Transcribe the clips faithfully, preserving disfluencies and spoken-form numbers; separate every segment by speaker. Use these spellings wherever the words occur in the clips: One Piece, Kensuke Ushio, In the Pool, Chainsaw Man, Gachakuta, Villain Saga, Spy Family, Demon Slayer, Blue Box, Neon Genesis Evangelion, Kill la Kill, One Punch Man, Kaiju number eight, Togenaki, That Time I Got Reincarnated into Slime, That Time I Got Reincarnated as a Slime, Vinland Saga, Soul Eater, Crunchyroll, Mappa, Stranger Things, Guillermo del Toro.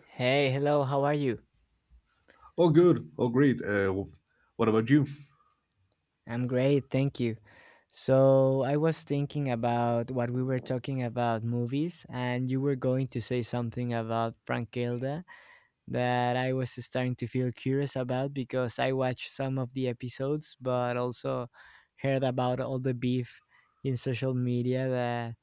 Speaker 1: Hey, hello, how are you?
Speaker 2: Oh, good. Oh, great. Uh, what about you?
Speaker 1: I'm great, thank you. So, I was thinking about what we were talking about movies, and you were going to say something about Frank Gilda that I was starting to feel curious about because I watched some of the episodes, but also heard about all the beef in social media that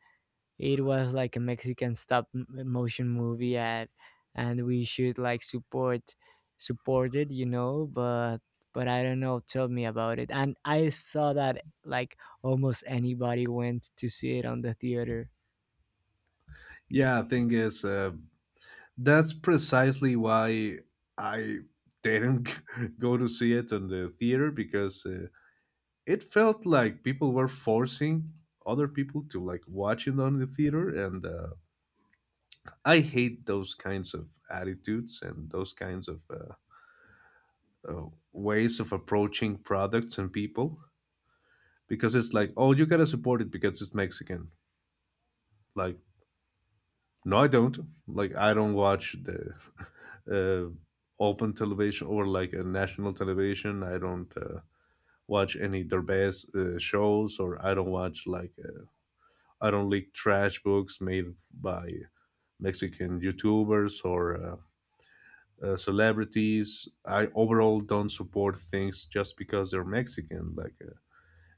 Speaker 1: it was like a mexican stop m- motion movie at and we should like support support it you know but but I don't know, tell me about it. And I saw that like almost anybody went to see it on the theater.
Speaker 2: Yeah, thing is, uh, that's precisely why I didn't go to see it in the theater because uh, it felt like people were forcing other people to like watch it on the theater, and uh, I hate those kinds of attitudes and those kinds of uh, uh, ways of approaching products and people because it's like, oh, you gotta support it because it's Mexican. Like, no, I don't. Like, I don't watch the uh, open television or like a national television. I don't uh, watch any Derbez uh, shows, or I don't watch like uh, I don't like trash books made by Mexican YouTubers or uh, uh, celebrities. I overall don't support things just because they're Mexican. Like uh,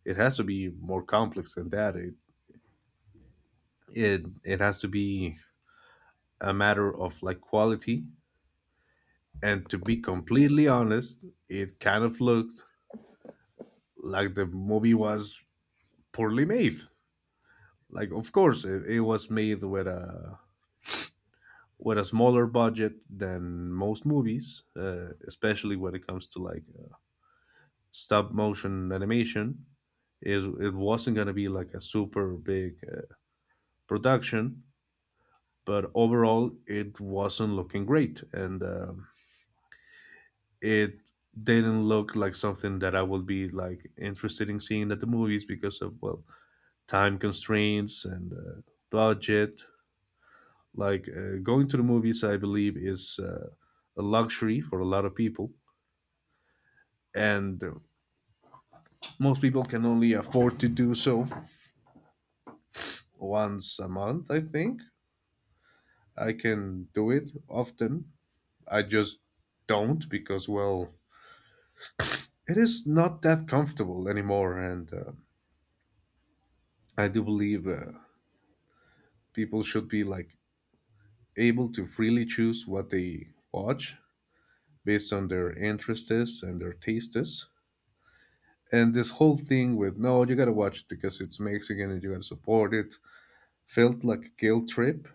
Speaker 2: it has to be more complex than that. It it it has to be a matter of like quality. And to be completely honest, it kind of looked like the movie was poorly made. Like, of course, it, it was made with a with a smaller budget than most movies, uh, especially when it comes to like uh, stop motion animation. Is it wasn't gonna be like a super big uh, production, but overall, it wasn't looking great, and um, it didn't look like something that I would be like interested in seeing at the movies because of, well, time constraints and uh, budget. Like uh, going to the movies, I believe, is uh, a luxury for a lot of people, and uh, most people can only afford to do so once a month. I think I can do it often. I just don't because, well, it is not that comfortable anymore, and uh, I do believe uh, people should be like able to freely choose what they watch based on their interests and their tastes. And this whole thing with no, you gotta watch it because it's Mexican and you gotta support it felt like a guilt trip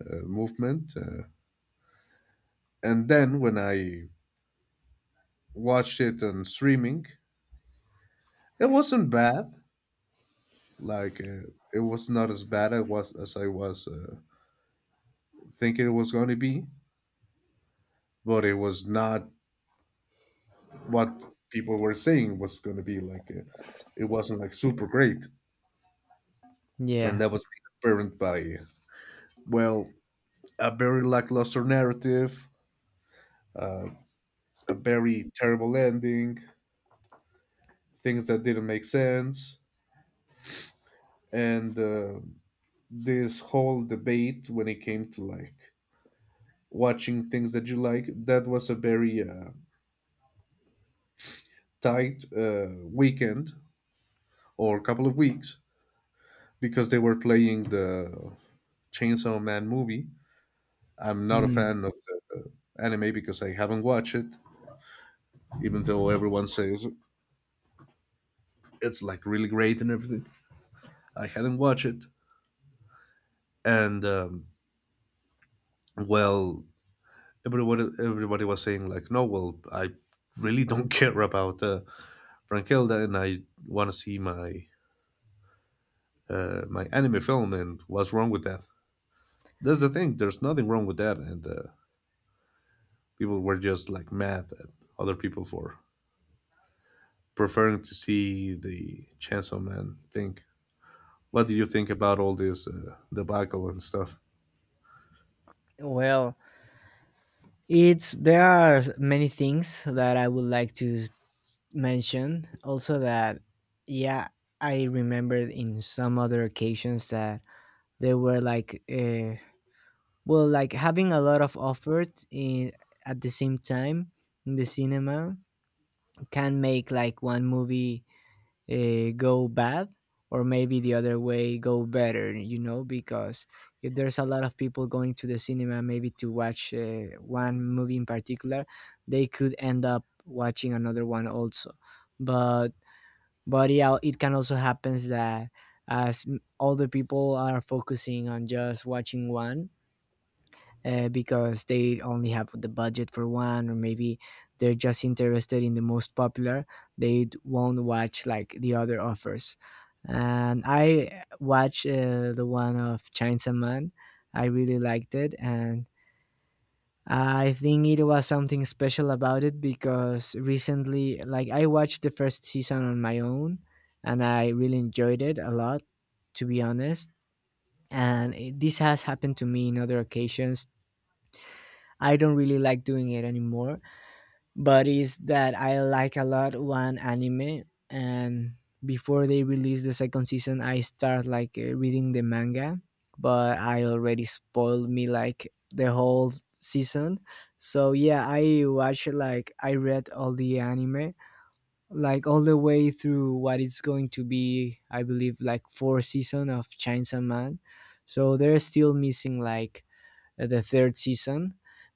Speaker 2: uh, movement. Uh, and then when I watched it on streaming, it wasn't bad. Like uh, it was not as bad as was as I was uh, thinking it was going to be, but it was not what people were saying was going to be. Like uh, it wasn't like super great, and
Speaker 1: Yeah.
Speaker 2: that was made apparent by, well, a very lackluster narrative, uh, a very terrible ending, things that didn't make sense, and uh, this whole debate when it came to like watching things that you like. That was a very uh, tight uh, weekend or couple of weeks because they were playing the Chainsaw Man movie. I'm not a
Speaker 1: Hmm.
Speaker 2: fan of the uh, anime because I haven't watched it, even though everyone says it's like really great and everything. I hadn't watched it, and um, well, everybody everybody was saying like, no, well, I really don't care about uh, Frankilda, and I want to see my uh, my anime film, and what's wrong with that? That's the thing, there's nothing wrong with that, and uh, people were just like mad at other people for preferring to see the Chainsaw Man thing. What do you think about all this uh, debacle and stuff?
Speaker 1: Well, it's there are many things that I would like to mention also. That yeah I remembered in some other occasions that there were like uh, well, like having a lot of offered in at the same time in the cinema can make like one movie uh, go bad, or maybe the other way go better, you know, because if there's a lot of people going to the cinema maybe to watch uh, one movie in particular, they could end up watching another one also. But but yeah, it can also happens that as m- all the people are focusing on just watching one, uh, because they only have the budget for one, or maybe they're just interested in the most popular, they d- won't watch like the other offers. And I watched uh, the one of Chainsaw Man. I really liked it, and I think it was something special about it because recently, like, I watched the first season on my own and I really enjoyed it a lot, to be honest. And it, this has happened to me in other occasions. I don't really like doing it anymore, but is that I like a lot one anime, and before they release the second season, I start like uh, reading the manga, but I already spoiled me like the whole season. So yeah, I watched like I read all the anime like all the way through what it's going to be, I believe like four season of Chainsaw Man. So they're still missing like uh, the third season,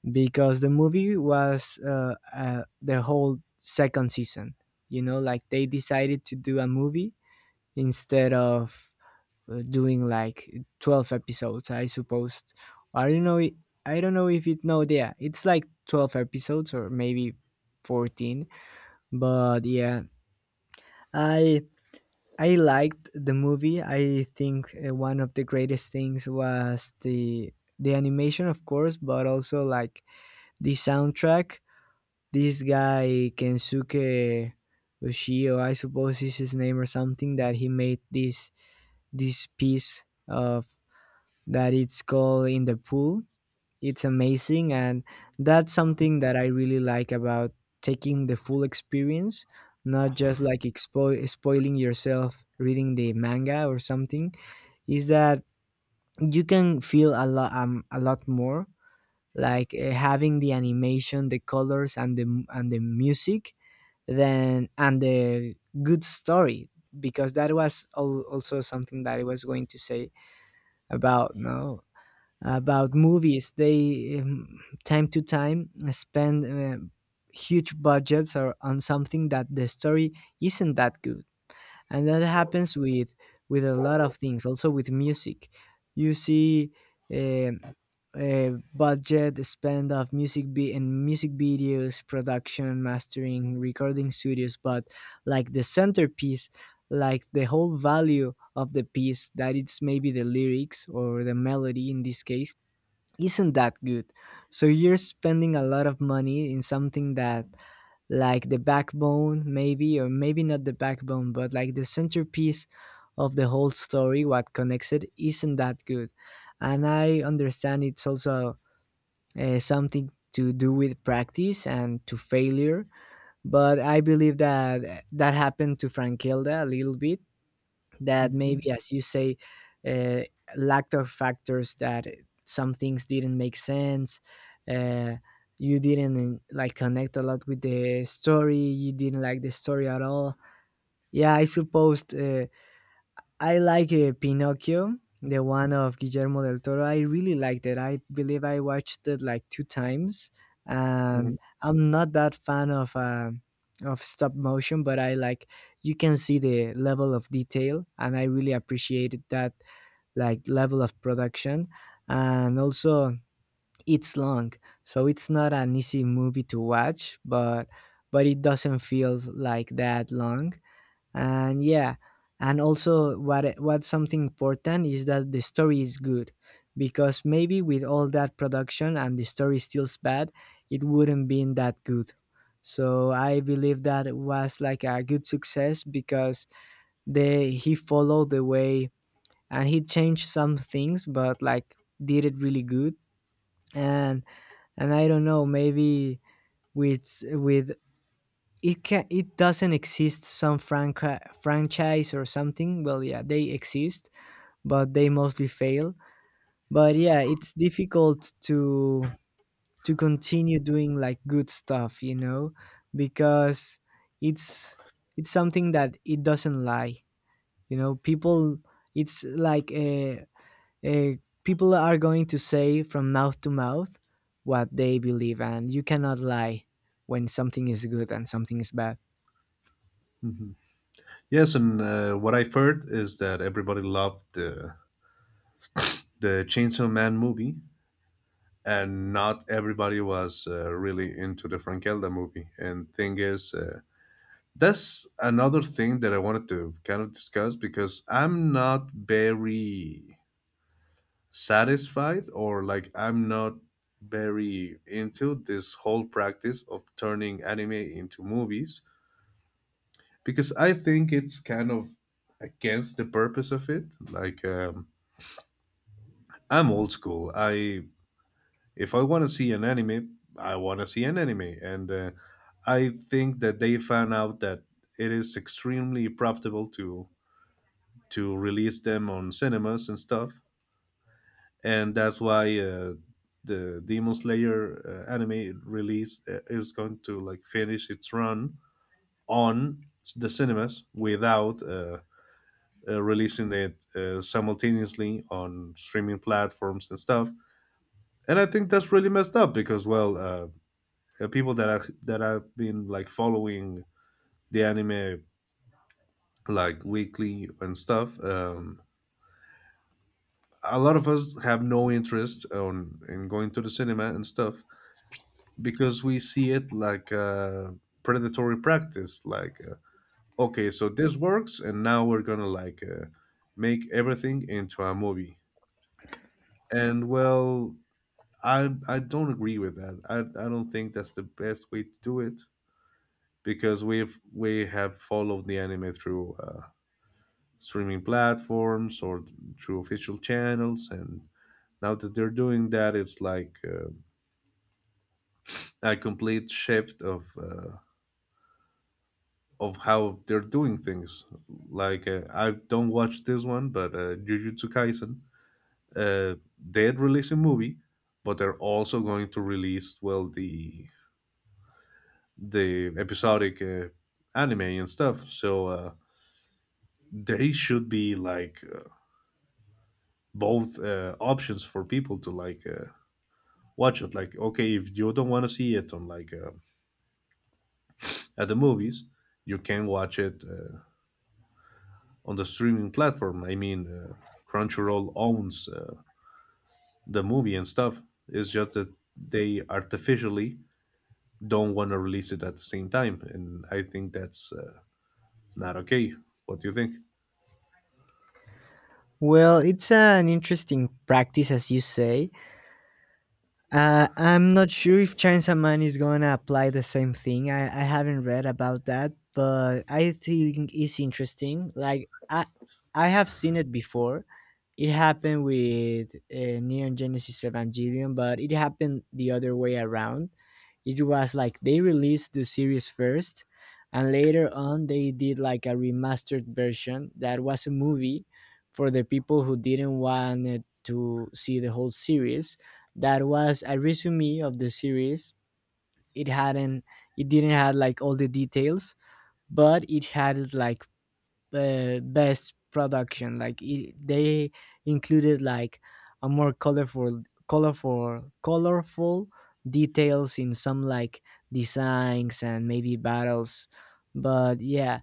Speaker 1: because the movie was uh, uh, the whole second season. You know, like they decided to do a movie instead of uh, doing like twelve episodes, I suppose. I don't know. i- I don't know if it. No, yeah, it's like twelve episodes or maybe fourteen. But yeah, I I liked the movie. I think uh, one of the greatest things was the the animation, of course, but also like the soundtrack. This guy Kensuke Ushio, I suppose is his name or something, that he made this this piece of that it's called In the Pool. It's amazing. And that's something that I really like about taking the full experience, not just like expo- spoiling yourself reading the manga or something, is that you can feel a lot um, a lot more, like uh, having the animation, the colors and the and the music, then and the good story. Because that was al- also something that I was going to say about no, about movies. They um, time to time spend uh, huge budgets or on something that the story isn't that good. And that happens with with a lot of things, also with music. You see, um uh, budget spend of music vi- in music videos, production, mastering, recording studios, but like the centerpiece, like the whole value of the piece that it's maybe the lyrics or the melody in this case isn't that good. So you're spending a lot of money in something that like the backbone, maybe, or maybe not the backbone but like the centerpiece of the whole story, what connects it, isn't that good. And I understand it's also uh, something to do with practice and to failure. But I believe that that happened to Frankelda a little bit. That
Speaker 2: Hmm.
Speaker 1: maybe, as you say, uh, lack of factors that some things didn't make sense. Uh, you didn't like connect a lot with the story. You didn't like the story at all. Yeah, I suppose uh, I like uh, Pinocchio, the one of Guillermo del Toro. I really liked it. I believe I watched it like two times,
Speaker 2: Hmm.
Speaker 1: and I'm not that fan of uh, of stop motion, but I like you can see the level of detail, and I really appreciated that like level of production. And also it's long, so it's not an easy movie to watch, but but it doesn't feel like that long. And yeah, and also what what's something important is that the story is good, because maybe with all that production and the story stills bad, it wouldn't been that good. So I believe that it was like a good success because they he followed the way and he changed some things but like did it really good. And and I don't know, maybe with with it can, it doesn't exist some franca franchise or something. Well, yeah, they exist, but they mostly fail. But yeah, it's difficult to to continue doing like good stuff, you know, because it's it's something that it doesn't lie. You know, people, it's like a, a people are going to say from mouth to mouth what they believe, and you cannot lie when something is good and something is bad.
Speaker 2: Hmm. Yes, and uh, what I've heard is that everybody loved uh, the Chainsaw Man movie, and not everybody was uh, really into the Frankelda movie. And thing is, uh, that's another thing that I wanted to kind of discuss because I'm not very satisfied, or like I'm not very into this whole practice of turning anime into movies because I think it's kind of against the purpose of it. Like um, I'm old school. I, if I want to see an anime, I want to see an anime. And uh, I think that they found out that it is extremely profitable to to release them on cinemas and stuff, and that's why uh, the Demon Slayer uh, anime release uh, is going to like finish its run on the cinemas without. Uh, uh, releasing it uh, simultaneously on streaming platforms and stuff, and I think that's really messed up because, well, uh, the people that are that have been like following the anime like weekly and stuff. Um, a lot of us have no interest on in going to the cinema and stuff because we see it like a predatory practice. Like, uh, okay, so this works, and now we're gonna like uh, make everything into a movie. And well, I I don't agree with that. I I don't think that's the best way to do it because we've we have followed the anime through uh, streaming platforms or through official channels, and now that they're doing that, it's like uh, a complete shift of uh, of how they're doing things. Like uh, I don't watch this one, but uh, Jujutsu Kaisen, uh, they had released a movie, but they're also going to release, well, the the episodic uh, anime and stuff, so uh, they should be like uh, both uh, options for people to like uh, watch it. Like, okay, if you don't want to see it on like uh, at the movies, you can watch it uh, on the streaming platform. I mean, uh, Crunchyroll owns uh, the movie and stuff. It's just that they artificially don't want to release it at the same time, and I think that's uh, not okay. What do you think?
Speaker 1: Well, it's an interesting practice, as you say. Uh, I'm not sure if Chainsaw Man is gonna apply the same thing. I, I haven't read about that, but I think it's interesting. Like I I have seen it before. It happened with uh, Neon Genesis Evangelion, but it happened the other way around. It was like they released the series first, and later on they did like a remastered version that was a movie for the people who didn't want to see the whole series, that was a resume of the series. It hadn't, it didn't have like all the details, but it had like uh, best production. Like it, they included like a more colorful, colorful, colorful details in some like designs and maybe battles. But yeah,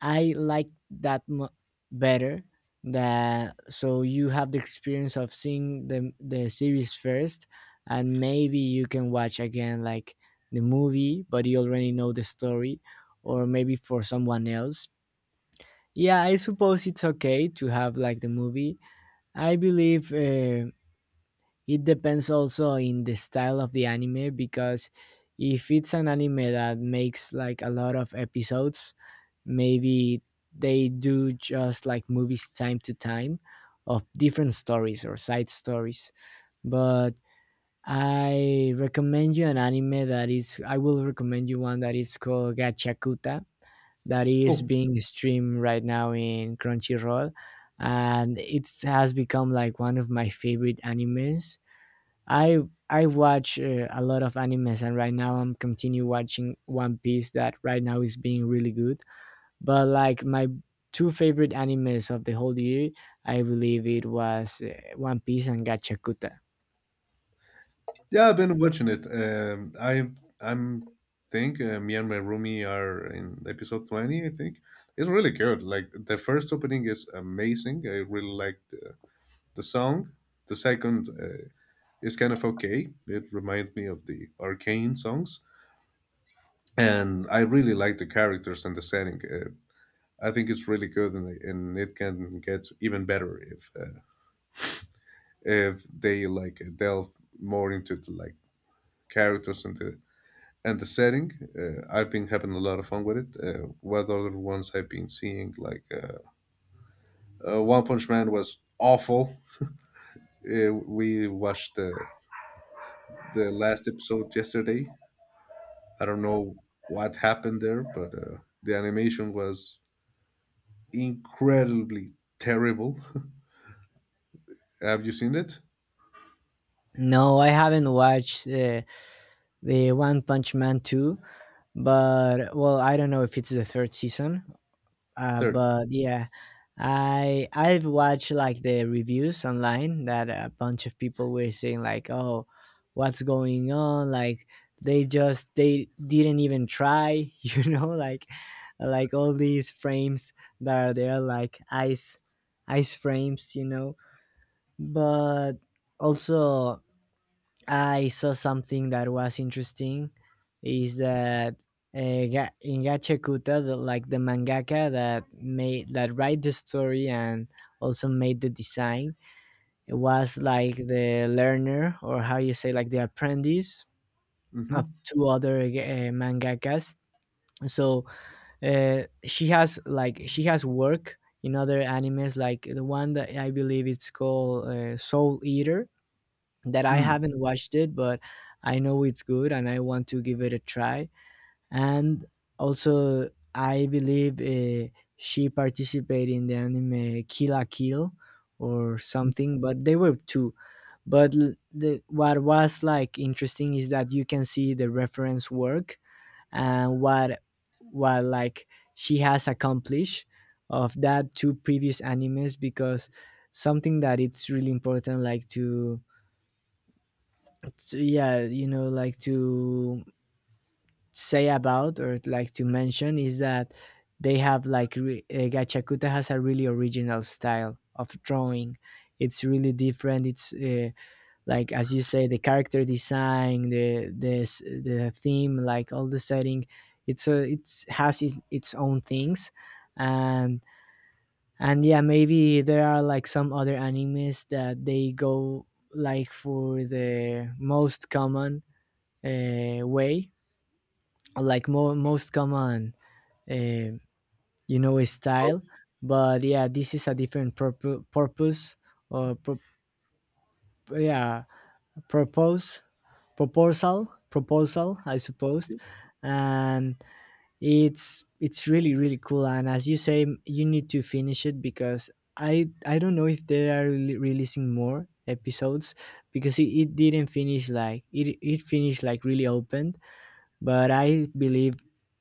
Speaker 1: I like that mo- better. That so you have the experience of seeing the the series first, and maybe you can watch again like the movie, but you already know the story, or maybe for someone else. Yeah, I suppose it's okay to have like the movie. I believe uh, it depends also in the style of the anime, because if it's an anime that makes like a lot of episodes, maybe they do just like movies time to time of different stories or side stories. But I recommend you an anime that is I will recommend you one that is called Gachakuta, that is
Speaker 2: Oh.
Speaker 1: being streamed right now in Crunchyroll, and it has become like one of my favorite animes. I i watch uh, a lot of animes, and right now I'm continue watching One Piece that right now is being really good. But like my two favorite animes of the whole year, I believe it was uh, One Piece and Gachakuta.
Speaker 2: Yeah, I've been watching it. Um, I I'm think uh, me and my roomie are in episode twenty. I think it's really good. Like the first opening is amazing. I really liked uh, the song. The second uh, is kind of okay. It reminds me of the Arcane songs, and I really like the characters and the setting. Uh, I think it's really good, and, and it can get even better if uh, if they like delve more into the, like, characters and the and the setting. Uh, I've been having a lot of fun with it. Uh, what other ones I've been seeing, like uh, uh, One Punch Man was awful. Uh, we watched the the last episode yesterday. I don't know what happened there, but uh, the animation was incredibly terrible. Have you seen it?
Speaker 1: No, I haven't watched uh, the One Punch Man two, but well, I don't know if it's the third season. Uh,
Speaker 2: third.
Speaker 1: but yeah, I I've watched like the reviews online that a bunch of people were saying like, "Oh, what's going on?" Like they just they didn't even try, you know, like like all these frames that are there like ice ice frames, you know. But also I saw something that was interesting is that uh, Ga- Ingache Kuta, the, like the mangaka that made that write the story and also made the design, was like the learner or how you say like the apprentice of
Speaker 2: Mm-hmm.
Speaker 1: two other uh, mangakas. So uh, she has like she has work in other animes like the one that I believe it's called uh, Soul Eater, that I
Speaker 2: Mm-hmm.
Speaker 1: haven't watched it, but I know it's good and I want to give it a try. And also, I believe uh, she participated in the anime Kill la Kill or something, but they were two. But l- the, what was like interesting is that you can see the reference work and what what like she has accomplished of that two previous animes. Because something that it's really important like to, so yeah, you know, like to say about or like to mention is that they have like re- uh, Gachakuta has a really original style of drawing. It's really different, it's uh, like as you say the character design, the the s- the theme, like all the setting, it's a it's has it, its own things. And and yeah, maybe there are like some other animes that they go like for the most common uh, way, like mo- most common, uh, you know, style. But yeah, this is a different purpo- purpose or pro- yeah propose, proposal proposal I suppose. And it's it's really really cool. And as you say, you need to finish it because I I don't know if they are re- releasing more episodes because it, it didn't finish like it it finished like really open, but I believe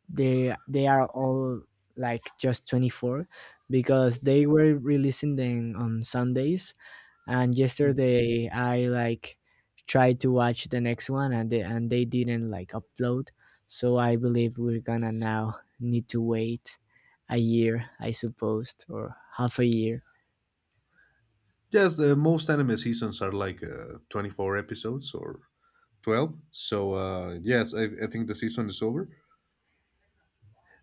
Speaker 1: they they are all like just twenty-four because they were releasing them on Sundays, and yesterday I like tried to watch the next one and they, and they didn't like upload. So I believe we're gonna now need to wait a year, I suppose, or half a year.
Speaker 2: Yes, uh, most anime seasons are like uh, twenty-four episodes or twelve. So, uh, yes, I, I think the season is over.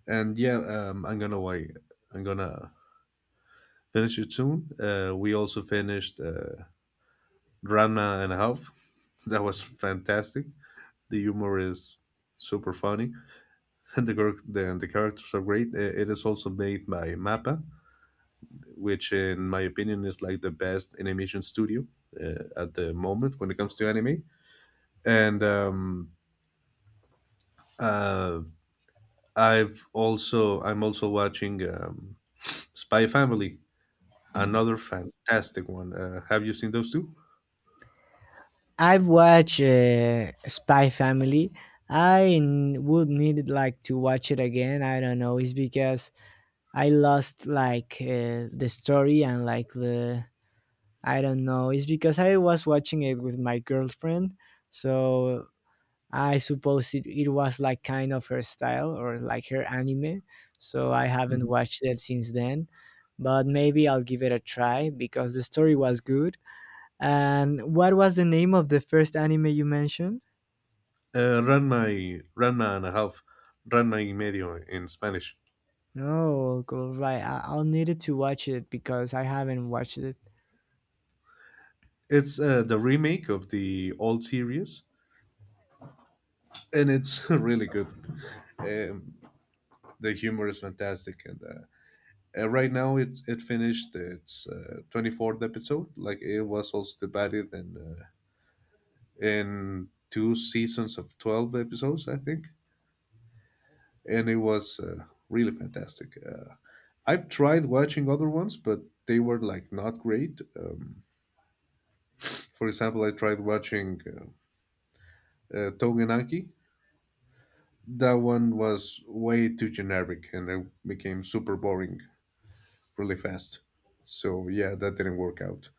Speaker 2: And yeah, um, I'm gonna wait. I'm gonna finish it soon. Uh, we also finished uh, Ranma and a Half. That was fantastic. The humor is super funny, and the char- the, the characters are great. Uh, It is also made by Mappa, which in my opinion is like the best animation studio uh, at the moment when it comes to anime. And um, uh, I've also I'm also watching um, Spy Family. Another fantastic one. Uh, have you seen those two?
Speaker 1: I've watched uh, Spy Family. I n- would need like to watch it again. I don't know, it's because I lost like uh, the story and like the, I don't know. It's because I was watching it with my girlfriend, so I suppose it, it was like kind of her style or like her anime. So I haven't
Speaker 2: Mm-hmm.
Speaker 1: watched it since then, but maybe I'll give it a try because the story was good. And what was the name of the first anime you mentioned?
Speaker 2: Uh, Ranma, y- Ranma and a Half, Ranma y Medio in Spanish.
Speaker 1: No, cool, right. I- I'll need it to watch it because I haven't watched it.
Speaker 2: It's uh, the remake of the old series, and it's really good. Um, the humor is fantastic, and uh, uh, right now it's it finished its uh, twenty-fourth episode. Like it was also divided in uh, in two seasons of twelve episodes, I think, and it was uh, really fantastic. Uh, I've tried watching other ones, but they were like not great. Um, for example, I tried watching uh, uh, Togenaki. That one was way too generic, and it became super boring really fast. So yeah, that didn't work out.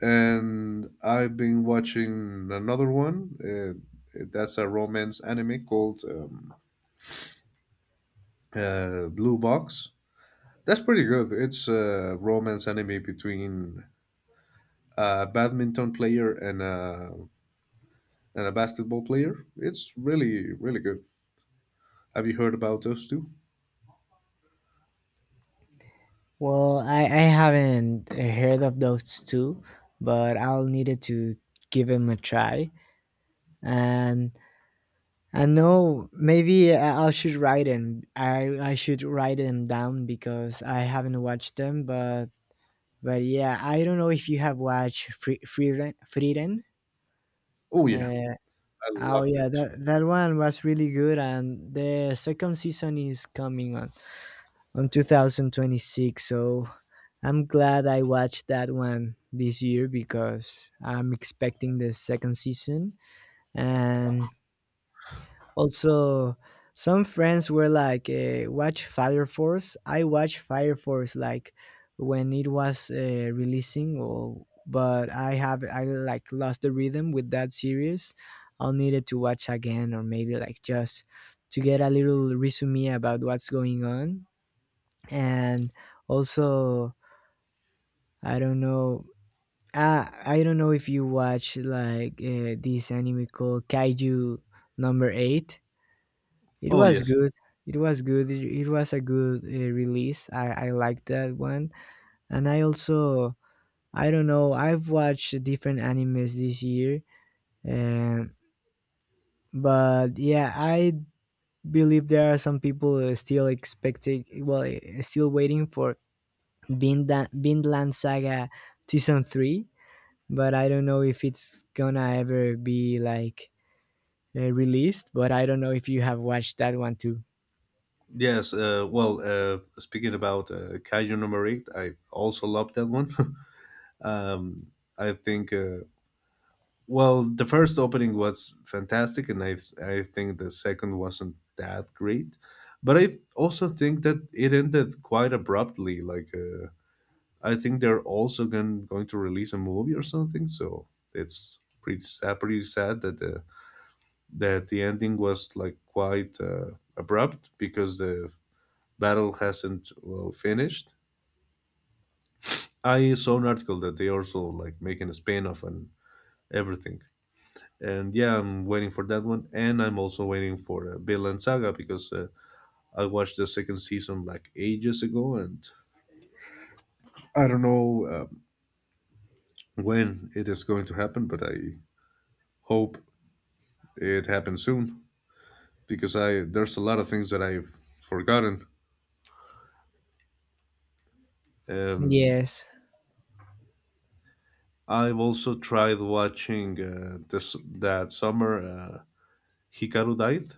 Speaker 2: And I've been watching another one. Uh, that's a romance anime called um, uh, Blue Box. That's pretty good. It's a romance anime between a badminton player and a and a basketball player. It's really, really good. Have you heard about those two?
Speaker 1: Well, I, I haven't heard of those two, but I'll need it to give them a try. And I know maybe I I should write them. I, I should write them down because I haven't watched them. But but yeah, I don't know if you have watched Free Freeden. Freeden.
Speaker 2: Oh yeah,
Speaker 1: Uh,
Speaker 2: I
Speaker 1: oh
Speaker 2: loved
Speaker 1: yeah,
Speaker 2: it.
Speaker 1: that that one was really good, and the second season is coming on. On two thousand twenty-six. So I'm glad I watched that one this year because I'm expecting the second season. And also, some friends were like, uh, watch Fire Force. I watched Fire Force like when it was uh, releasing. Or but I have, I like lost the rhythm with that series. I'll need it to watch again, or maybe like just to get a little resume about what's going on. And also, I don't know. Ah, I don't know if you watch like uh, this anime called Kaiju Number Eight. It
Speaker 2: Oh
Speaker 1: was
Speaker 2: yes,
Speaker 1: good. It was good. It, it was a good uh, release. I i liked that one. And I also, I don't know, I've watched different animes this year. um but yeah, I believe there are some people who are still expecting, well, eh, still waiting for Vinland, Vinland Saga season three, but I don't know if it's gonna ever be like uh, released. But I don't know if you have watched that one too.
Speaker 2: yes. Uh, well, uh, speaking about uh, Kaiju Number Eight, I also loved that one. um, I think. Uh, well, the first opening was fantastic, and I I think the second wasn't that great. But I also think that it ended quite abruptly. Like uh, I think they're also going going to release a movie or something. So it's pretty sad, pretty sad that the that the ending was like quite uh, abrupt because the battle hasn't well finished. I saw an article that they also like making a spin-off and everything. And yeah, I'm waiting for that one, and I'm also waiting for uh, Villain Saga because uh, I watched the second season like ages ago, and I don't know um, when it is going to happen, but I hope it happens soon because I there's a lot of things that I've forgotten. Um,
Speaker 1: Yes.
Speaker 2: I've also tried watching uh, this that summer uh, Hikaru died.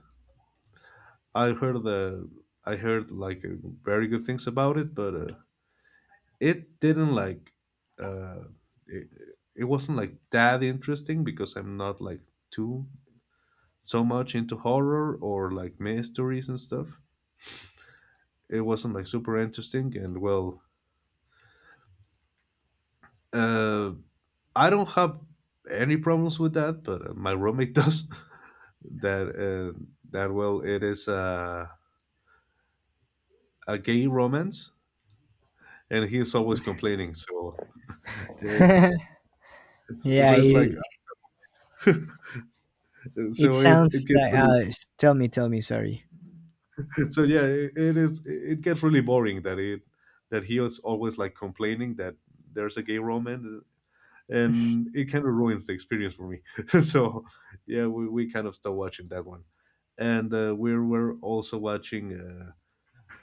Speaker 2: I heard the I heard like uh, very good things about it, but uh, it didn't like uh, it, it wasn't like that interesting because I'm not like too so much into horror or like mysteries and stuff. It wasn't like super interesting and, well, uh I don't have any problems with that, but uh, my roommate does. That uh, that well, it is uh, a gay romance, and he is always complaining. So, uh,
Speaker 1: Yeah.
Speaker 2: so it's like,
Speaker 1: It, it
Speaker 2: so it it
Speaker 1: sounds
Speaker 2: gets
Speaker 1: like.
Speaker 2: really,
Speaker 1: Uh, s- tell me. Tell me. Sorry.
Speaker 2: so yeah, it, it is it gets really boring that it that he is always like complaining that there's a gay romance, and it kind of ruins the experience for me. So, yeah, we we kind of stopped watching that one, and uh, we were also watching. Uh,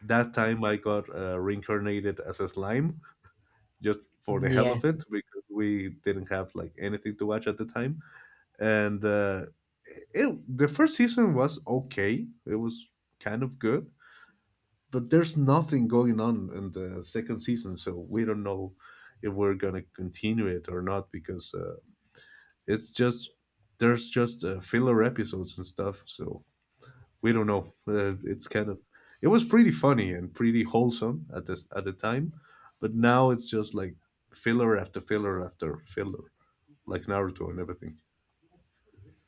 Speaker 2: that time I got uh, reincarnated as a slime just for the hell
Speaker 1: Yeah.
Speaker 2: of it because we didn't have like anything to watch at the time. And uh, it, the first season was okay; it was kind of good, but there's nothing going on in the second season, so we don't know if we're gonna continue it or not because uh, it's just there's just uh, filler episodes and stuff. So we don't know. Uh, it's kind of it was pretty funny and pretty wholesome at this at the time, but now it's just like filler after filler after filler, like Naruto and everything.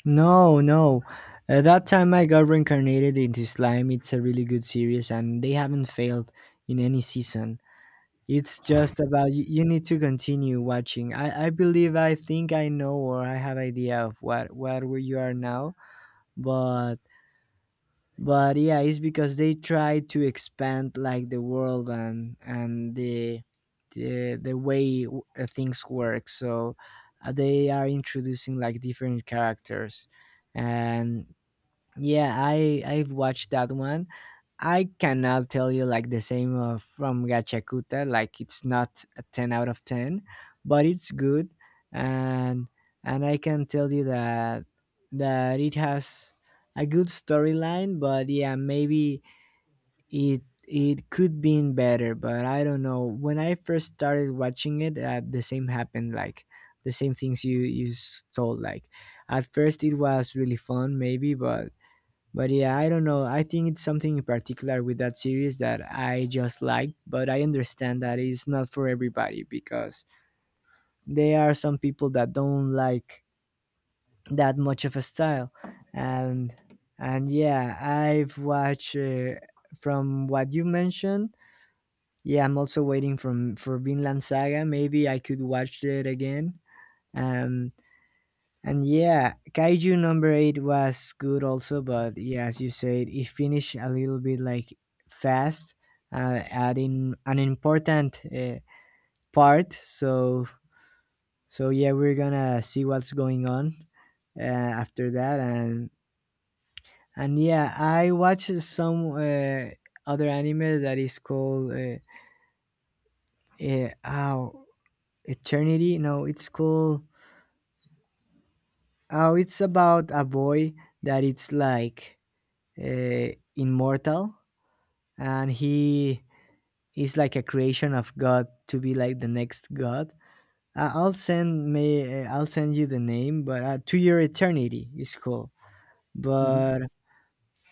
Speaker 1: No. No. Uh, That time I got reincarnated into slime. It's a really good series, and they haven't failed in any season. It's just about you, you need to continue watching. I, I believe, I think I know or I have idea of what what where you are now, but but yeah, it's because they try to expand like the world and and the the, the way w- uh, things work. So uh, they are introducing like different characters. And yeah, I I've watched that one. I cannot tell you like the same uh, from Gachakuta. Like it's not a ten out of ten, but it's good, and and I can tell you that that it has a good storyline. But yeah, maybe it it could been better, but I don't know. When I first started watching it, uh, the same happened. Like the same things you you s- told. Like at first it was really fun, maybe, but but yeah, I don't know. I think it's something in particular with that series that I just like, but I understand that it's not for everybody because there are some people that don't like that much of a style. And and yeah, I've watched uh, from what you mentioned. Yeah, I'm also waiting from for Vinland Saga. Maybe I could watch it again. Um And yeah, Kaiju number eight was good also, but yeah, as you said, it finished a little bit like fast, uh, adding an important uh, part. So so yeah, we're gonna see what's going on uh, after that, and and yeah, I watched some uh, other anime that is called uh, uh, oh, Eternity. No, it's called, oh, it's about a boy that it's like uh, immortal, and he is like a creation of God to be like the next God. I- I'll send me. I'll send you the name, but uh, To Your Eternity is cool.
Speaker 2: Mm-hmm.
Speaker 1: But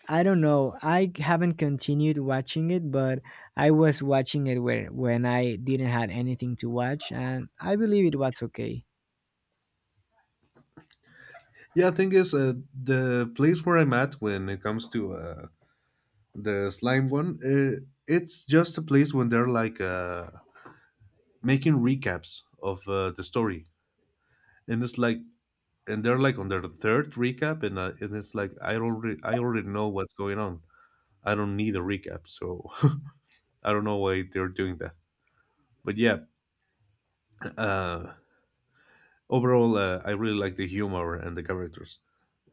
Speaker 1: I don't know. I haven't continued watching it, but I was watching it where when I didn't had anything to watch, and I believe it was okay.
Speaker 2: Yeah, thing is, uh, the place where I'm at when it comes to uh, the slime one, uh, it's just a place when they're like uh, making recaps of uh, the story, and it's like, and they're like on their third recap, and uh, and it's like I already I already know what's going on. I don't need a recap, so I don't know why they're doing that. But yeah, uh, overall, uh, I really like the humor and the characters.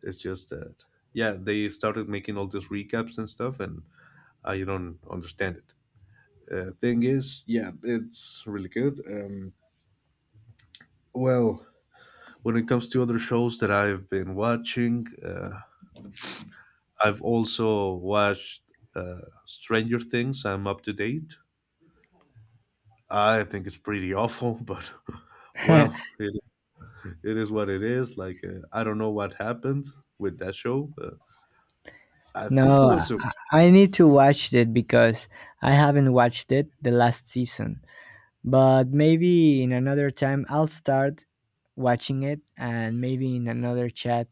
Speaker 2: It's just that, yeah, they started making all these recaps and stuff, and I don't understand it. Uh, thing is, yeah, it's really good. Um, well, when it comes to other shows that I've been watching, uh, I've also watched uh, Stranger Things. I'm up to date. I think it's pretty awful, but, well, it it is what it is. Like uh, I don't know what happened with that show. Uh, I think it
Speaker 1: no, I
Speaker 2: was a
Speaker 1: I need to watch it because I haven't watched it the last season. But maybe in another time I'll start watching it, and maybe in another chat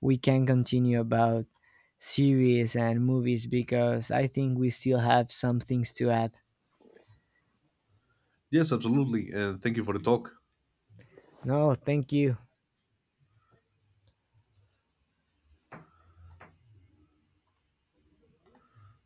Speaker 1: we can continue about series and movies because I think we still have some things to add.
Speaker 2: yes, absolutely. And thank you for the talk.
Speaker 1: No, thank you.